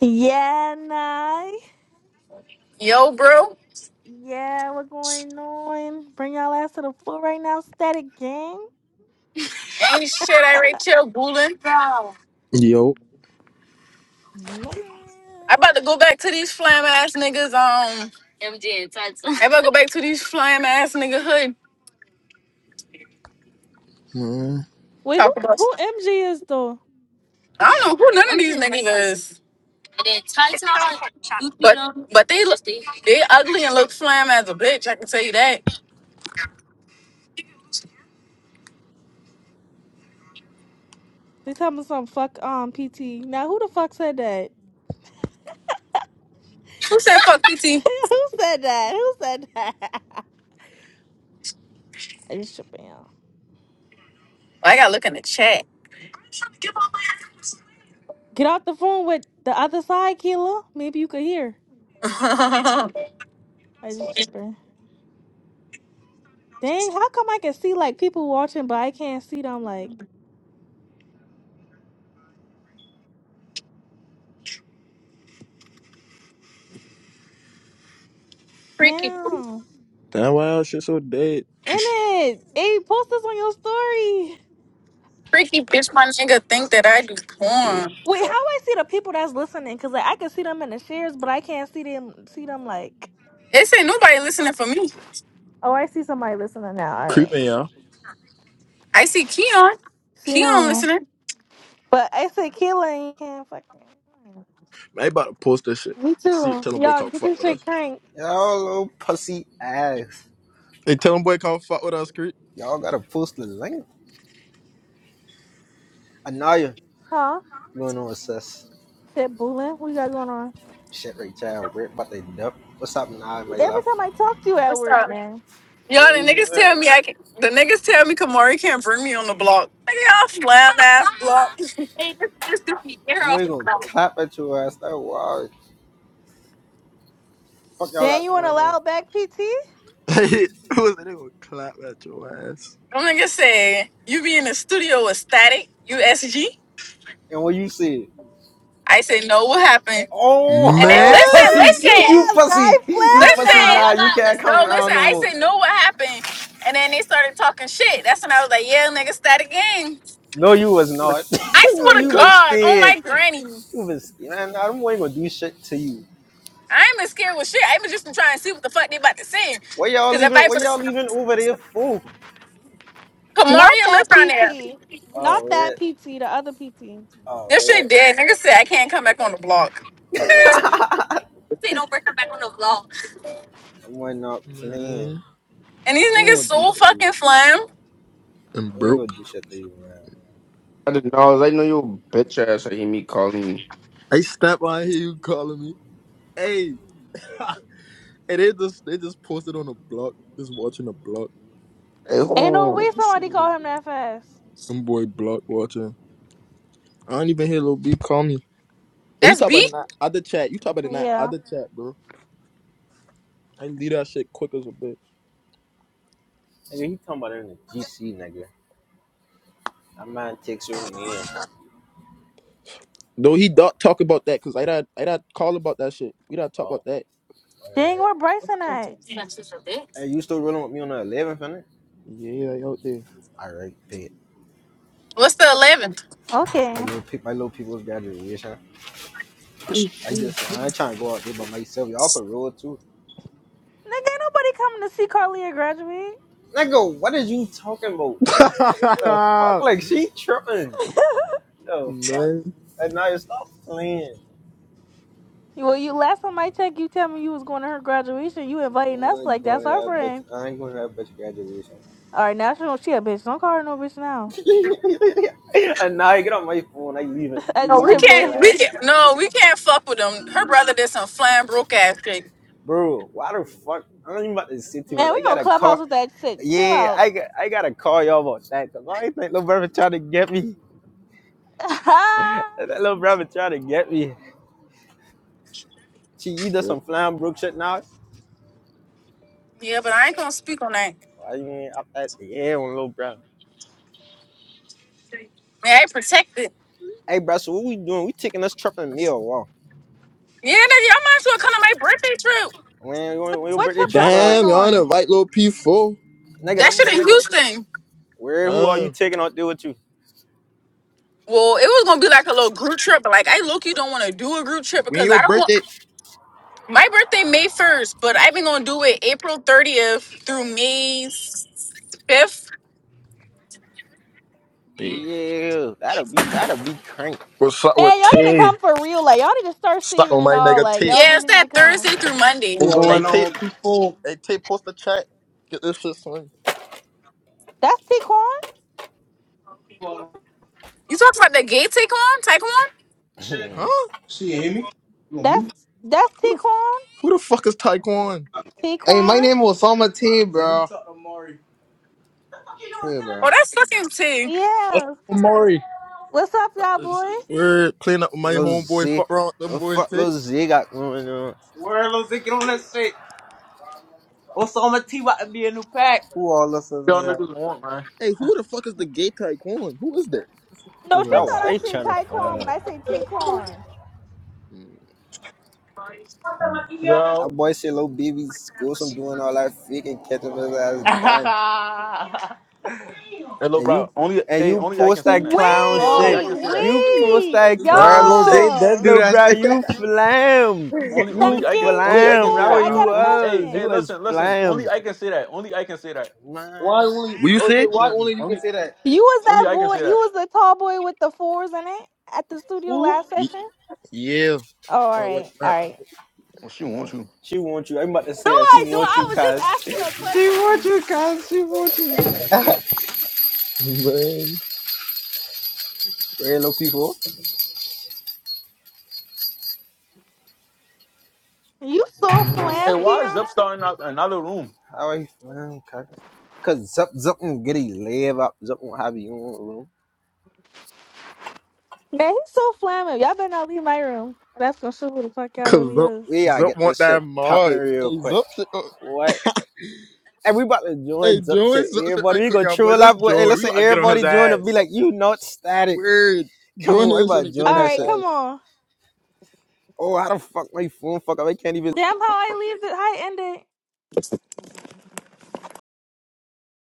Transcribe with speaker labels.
Speaker 1: Yeah, nah.
Speaker 2: Yo, bro.
Speaker 1: Yeah, what's going on? Bring y'all ass to the floor right now, static gang.
Speaker 2: Ain't shit, I right chill, Goolin.
Speaker 3: Yo,
Speaker 1: Yeah.
Speaker 2: I about to go back to these flam ass niggas. Um, MJ and Tots. I about to go back to these flam ass nigga hood.
Speaker 3: man.
Speaker 1: Wait, who
Speaker 2: Talk about.
Speaker 1: who MG is though?
Speaker 2: I don't know who none of these niggas is, but but they look they ugly and look flam as a bitch. I can tell you that.
Speaker 1: They tell me some fuck um PT. Now who the fuck said that?
Speaker 2: Who said fuck PT?
Speaker 1: who said that? Who said that? I just tripping. y'all.
Speaker 2: I gotta look in the chat.
Speaker 1: Get off the phone with the other side, Keela. Maybe you could hear. I just tripping. Dang, how come I can see like people watching but I can't see them like
Speaker 2: freaky,
Speaker 1: damn.
Speaker 3: Damn, why y'all shit so dead?
Speaker 1: In it. Hey, post this on your story.
Speaker 2: freaky bitch, my nigga think that I do
Speaker 3: dead.
Speaker 2: porn.
Speaker 1: Wait, how I see the people that's listening? Cause like I can see them in the shares, but I can't see them. See them like.
Speaker 2: They say nobody listening for me.
Speaker 1: Oh, I see somebody listening now. All right.
Speaker 3: Creeping, y'all.
Speaker 2: I see Keon.
Speaker 1: See
Speaker 2: Keon
Speaker 1: them.
Speaker 2: listening.
Speaker 1: But I say Keelan, you can't fucking.
Speaker 3: Man, I about to post that shit.
Speaker 1: Me
Speaker 3: See it.
Speaker 1: too.
Speaker 3: Tell them boy
Speaker 1: Y'all
Speaker 3: come
Speaker 1: get
Speaker 3: fuck
Speaker 1: this
Speaker 3: with
Speaker 1: shit
Speaker 3: us.
Speaker 1: crank,
Speaker 4: Y'all little pussy ass.
Speaker 3: Hey, tell them boy come fuck with us, Creep.
Speaker 4: Y'all gotta post the link. Anaya
Speaker 1: huh?
Speaker 4: going on sis.
Speaker 1: Shit, Boolin, what you got going on?
Speaker 4: Shit right child, weird about they dump. What's up, Anaya, my
Speaker 1: Every
Speaker 4: love?
Speaker 1: time I talk to you at work, man.
Speaker 2: Y'all,
Speaker 4: Yeah,
Speaker 2: the niggas tell me I can. The niggas tell me Kamari can't bring me on the block. Nigga, y'all flat ass block. Them
Speaker 4: And we're gonna clap at your ass. That wild. Fuck y'all
Speaker 1: Dan, you
Speaker 4: got
Speaker 1: want a
Speaker 4: going on.
Speaker 1: loud back PT?
Speaker 3: Hey, who is it? They gonna clap at your ass.
Speaker 2: niggas say you be in the studio ecstatic. You SG.
Speaker 4: And when you see it,
Speaker 2: I say no. What happened?
Speaker 4: Oh,
Speaker 2: And then
Speaker 3: Man!
Speaker 4: you
Speaker 1: Oh
Speaker 2: listen,
Speaker 4: pussy, you
Speaker 2: listen,
Speaker 1: yeah,
Speaker 4: pussy,
Speaker 1: nice
Speaker 4: you
Speaker 1: slam
Speaker 2: listen.
Speaker 4: pussy. Nah,
Speaker 2: No,
Speaker 4: you
Speaker 2: no,
Speaker 4: can't
Speaker 2: listen.
Speaker 4: come
Speaker 2: No, listen.
Speaker 4: around no
Speaker 2: I
Speaker 4: more.
Speaker 2: say no. What happened? And then they started talking shit. That's when I was like, yeah, nigga, static game.
Speaker 4: No, you was not.
Speaker 2: I
Speaker 4: no,
Speaker 2: swear to
Speaker 4: you was
Speaker 2: God, on
Speaker 4: scared.
Speaker 2: my granny,
Speaker 4: You was scared. Man, nah, them ain't gonna do shit to you.
Speaker 2: I ain't been scared with shit. I even just been trying to see what the fuck they about to say.
Speaker 4: What y'all
Speaker 2: Cause if
Speaker 4: leaving?
Speaker 2: I
Speaker 4: What
Speaker 2: put
Speaker 4: y'all
Speaker 2: a
Speaker 4: leaving over there for?
Speaker 1: now. Not
Speaker 2: Kamaria live
Speaker 1: that
Speaker 2: down there.
Speaker 1: PT. Not
Speaker 4: Oh,
Speaker 1: that
Speaker 4: yeah.
Speaker 1: PT. The other PT.
Speaker 4: Oh,
Speaker 2: This
Speaker 4: it,
Speaker 2: shit dead. Niggas said I can't come back on the block.
Speaker 4: I went up playing.
Speaker 3: Man.
Speaker 2: And these
Speaker 4: I ain't
Speaker 2: niggas
Speaker 4: gonna do
Speaker 2: so
Speaker 4: shit to you.
Speaker 2: fucking flam.
Speaker 3: I'm
Speaker 4: I ain't gonna
Speaker 3: broke.
Speaker 4: do shit to you, man.
Speaker 5: I didn't know. They know your bitch ass. I hear me calling you.
Speaker 3: Hey, step out here, you calling me. Hey. hey, they just, they just posted on a block. Just watching a block.
Speaker 5: Hey,
Speaker 1: Ain't no way
Speaker 5: hold
Speaker 1: somebody
Speaker 5: on.
Speaker 1: call him that fast.
Speaker 3: Them boy block watching. I don't even hear Lil B call me. Oh, he
Speaker 2: That's
Speaker 3: talk about
Speaker 2: B.
Speaker 3: in that other chat. You talk about in that
Speaker 1: Yeah.
Speaker 3: other chat, bro. I can leave that shit quick as a bitch.
Speaker 4: Nigga, he talking about it in the GC, nigga. That man takes your name.
Speaker 3: No, he don't talk about that because I not I not call about that shit. We not talk about
Speaker 4: Oh,
Speaker 3: that.
Speaker 1: Dang,
Speaker 4: word.
Speaker 1: where Bryson at?
Speaker 4: Hey, you still rolling with me on the 11th, innit?
Speaker 3: Yeah, like out there.
Speaker 4: Alright, bet.
Speaker 2: What's the eleventh?
Speaker 1: Okay. Nigga,
Speaker 4: My little, pe- my little people's graduation.
Speaker 3: Boom,
Speaker 4: I
Speaker 3: boom,
Speaker 4: just, I
Speaker 3: boom.
Speaker 4: ain't trying to go out there by myself. Y'all could roll too.
Speaker 1: ain't nobody coming to see Carlia graduate.
Speaker 4: Nigga, what is you talking about, bro? The fuck? Like, she tripping. The fuck?
Speaker 3: Man.
Speaker 4: And now you stop playing.
Speaker 1: Well, you last time I checked, you tell me you was going to her graduation. You
Speaker 4: I
Speaker 1: inviting us
Speaker 4: ain't
Speaker 1: like
Speaker 4: going
Speaker 1: that's
Speaker 4: to
Speaker 1: our
Speaker 4: that bitch.
Speaker 1: friend.
Speaker 4: I ain't going to that bitch graduation.
Speaker 1: All right, now she, don't- she a bitch. Don't call her no bitch now.
Speaker 4: and now I get on my phone, I leave it.
Speaker 1: I
Speaker 4: You
Speaker 2: No,
Speaker 1: just
Speaker 2: we
Speaker 4: leave
Speaker 1: tripping.
Speaker 2: can't. We
Speaker 4: plan.
Speaker 2: can't. No, we can't fuck with them. Her brother did some flam broke ass shit.
Speaker 4: Bro, why the fuck? I don't even about to say too
Speaker 1: Man,
Speaker 4: much.
Speaker 1: we
Speaker 4: I
Speaker 1: on
Speaker 4: gotta call.
Speaker 1: Clubhouse with that chick. Chill
Speaker 4: Yeah,
Speaker 1: out.
Speaker 4: I got I gotta call y'all about that. Cause I think little brother trying to get me. that
Speaker 1: what,
Speaker 4: little brother trying to get me. She either some flying brook shit now.
Speaker 2: Yeah, but I ain't gonna speak on that.
Speaker 4: I mean up at the air on little brother.
Speaker 2: Man, I ain't protected.
Speaker 4: Hey bro, so what we doing? We taking this trip in meal walk.
Speaker 2: Yeah, nigga, y'all might as well come to my birthday trip.
Speaker 4: When, when, when your
Speaker 1: what
Speaker 4: birthday
Speaker 1: trip y'all
Speaker 4: trip
Speaker 1: going
Speaker 3: Damn,
Speaker 4: us
Speaker 3: y'all
Speaker 1: on?
Speaker 3: on the right little P4.
Speaker 4: nigga,
Speaker 2: That
Speaker 4: I'm
Speaker 2: shit in
Speaker 4: a nigga.
Speaker 2: Houston.
Speaker 4: Where who are you
Speaker 3: Uh,
Speaker 4: taking out there with you?
Speaker 2: Well, it was gonna be like a little group trip, but like I look, you don't want to do a group trip
Speaker 3: when
Speaker 2: because
Speaker 3: your
Speaker 2: I don't want
Speaker 3: birthday.
Speaker 2: my birthday May first, but I've been gonna do it April thirtieth through May fifth
Speaker 3: Hey,
Speaker 4: Yeah, that'll be that'll be crank.
Speaker 3: What's up
Speaker 1: Man,
Speaker 3: with
Speaker 1: y'all need to
Speaker 3: T?
Speaker 1: come for real. Like y'all need to start
Speaker 3: Stop
Speaker 1: saving
Speaker 3: on
Speaker 1: and
Speaker 3: my
Speaker 1: all.
Speaker 3: nigga
Speaker 1: Like
Speaker 3: T.
Speaker 1: y'all
Speaker 2: Yeah, it's
Speaker 1: really need
Speaker 2: that
Speaker 1: to come.
Speaker 2: Thursday through Monday.
Speaker 6: What's
Speaker 2: You
Speaker 3: Hey
Speaker 6: going
Speaker 3: T,
Speaker 6: on, people?
Speaker 3: hey T, post the chat. Get this shit swing.
Speaker 1: That's T Quan.
Speaker 2: talking about the gay take on? Take on?
Speaker 3: Huh?
Speaker 1: That's that's
Speaker 3: Who
Speaker 1: T
Speaker 3: the
Speaker 1: Quan.
Speaker 3: who the fuck is Taekwon?
Speaker 1: T
Speaker 6: Hey, my
Speaker 1: Quan.
Speaker 6: name is Osama T, bro. Yeah, bro.
Speaker 2: Oh, that's fucking tea.
Speaker 1: Yeah.
Speaker 6: Maury.
Speaker 1: What's up, y'all, boy?
Speaker 3: We're playing up with my
Speaker 4: Lil
Speaker 3: homeboy.
Speaker 4: Z.
Speaker 3: Fuck around with them
Speaker 4: The
Speaker 3: boy
Speaker 4: fuck
Speaker 3: T.
Speaker 4: Lil Z got going on?
Speaker 6: Where those they get on that shit? Osama T about to be a new pack. Who all us in
Speaker 7: Y'all
Speaker 6: y'all?
Speaker 7: niggas want, man.
Speaker 3: Hey, who the fuck is the gay Taekwon? Who is that?
Speaker 1: No,
Speaker 6: Who
Speaker 1: she thought
Speaker 4: That
Speaker 6: does?
Speaker 4: why I
Speaker 1: I said
Speaker 4: trying to
Speaker 1: Taekwon
Speaker 4: find
Speaker 1: when
Speaker 4: out.
Speaker 1: I said Taekwon.
Speaker 3: Mm.
Speaker 7: Yo.
Speaker 4: That boy said Lil BB schools from doing all that freaking catching his ass dying.
Speaker 6: why
Speaker 7: Hey, little
Speaker 4: And you
Speaker 7: bro. Only,
Speaker 4: and
Speaker 7: hey,
Speaker 4: you
Speaker 7: only I can
Speaker 4: post
Speaker 7: sing
Speaker 4: that
Speaker 7: that. Only,
Speaker 4: clown
Speaker 7: hey, only
Speaker 4: shit.
Speaker 7: I
Speaker 1: Wait,
Speaker 7: can say that.
Speaker 4: You post
Speaker 1: wait,
Speaker 4: that
Speaker 6: Where
Speaker 4: clown
Speaker 6: Lose
Speaker 4: shit.
Speaker 6: does
Speaker 1: y'all.
Speaker 6: do
Speaker 4: Lil
Speaker 6: that
Speaker 4: bro, you
Speaker 6: shit?
Speaker 4: flam.
Speaker 7: Only,
Speaker 4: You
Speaker 7: only I can,
Speaker 1: Second
Speaker 7: only I
Speaker 1: P4,
Speaker 7: can
Speaker 4: flam.
Speaker 7: say
Speaker 4: That
Speaker 7: that
Speaker 4: what
Speaker 1: I
Speaker 4: you
Speaker 7: now.
Speaker 1: got a
Speaker 7: Only, hey,
Speaker 4: was. You
Speaker 7: hey,
Speaker 1: question.
Speaker 4: was
Speaker 7: listen, listen. Only
Speaker 4: flam.
Speaker 7: I can say that. Only I can say that.
Speaker 6: Why
Speaker 4: Man.
Speaker 6: only?
Speaker 3: What you
Speaker 6: okay,
Speaker 3: say?
Speaker 7: Don't play
Speaker 6: Why
Speaker 7: with me.
Speaker 6: only you can
Speaker 7: Only,
Speaker 6: say that?
Speaker 1: You was that
Speaker 7: only I can
Speaker 1: boy,
Speaker 7: say
Speaker 1: you
Speaker 7: that.
Speaker 1: was the tall boy with the fours in it at the studio
Speaker 6: Who?
Speaker 1: last
Speaker 3: Y-
Speaker 1: session?
Speaker 3: Yeah.
Speaker 1: Oh, all
Speaker 3: Oh, wait,
Speaker 1: right,
Speaker 3: man.
Speaker 1: all right.
Speaker 7: Well, she wants
Speaker 3: Oh,
Speaker 7: you.
Speaker 4: She want you. I'm about to
Speaker 1: No,
Speaker 4: say that.
Speaker 1: I
Speaker 4: She
Speaker 1: don't.
Speaker 4: want you,
Speaker 1: I was just
Speaker 4: cuz.
Speaker 1: asking a
Speaker 4: She want
Speaker 1: question.
Speaker 4: you, cuz. She want you.
Speaker 3: man.
Speaker 4: Real low people.
Speaker 1: You so
Speaker 7: Hey,
Speaker 1: flam,
Speaker 7: why is
Speaker 1: Keon.
Speaker 7: Zip starting out another room?
Speaker 4: How are you feeling, cuz? Cause Zup Zup won't get he live up. Zup won't have you on room.
Speaker 1: Man, he's so flammable. Y'all better not leave my room. That's gonna show who the fuck y'all
Speaker 3: Cause
Speaker 1: really
Speaker 3: Zup,
Speaker 1: is.
Speaker 4: We gotta
Speaker 3: Zup
Speaker 4: get
Speaker 3: want
Speaker 4: this shit
Speaker 3: that
Speaker 4: popping
Speaker 3: mod.
Speaker 4: real
Speaker 3: Hey,
Speaker 4: quick.
Speaker 3: Zup shit. Oh,
Speaker 4: What? And we about to
Speaker 3: hey,
Speaker 4: join Zup
Speaker 3: Joey,
Speaker 4: shit.
Speaker 3: Zup shit
Speaker 4: Everybody,
Speaker 3: right
Speaker 4: we
Speaker 3: quick,
Speaker 4: gonna
Speaker 3: y'all boy.
Speaker 4: troll
Speaker 3: This
Speaker 4: up with. Hey,
Speaker 3: Joey, we about
Speaker 4: listen,
Speaker 3: to get on his
Speaker 4: everybody join and be
Speaker 3: ass.
Speaker 4: like, you not static.
Speaker 3: Weird.
Speaker 4: Come
Speaker 3: Join in
Speaker 4: on, we
Speaker 3: and shit
Speaker 4: about to
Speaker 3: and get
Speaker 4: join
Speaker 3: on
Speaker 1: All
Speaker 3: his
Speaker 4: that
Speaker 1: right,
Speaker 4: shit.
Speaker 3: ass.
Speaker 1: come on.
Speaker 4: Oh, how the fuck my phone fuck up? I can't even.
Speaker 1: Damn how I leave the how I end it.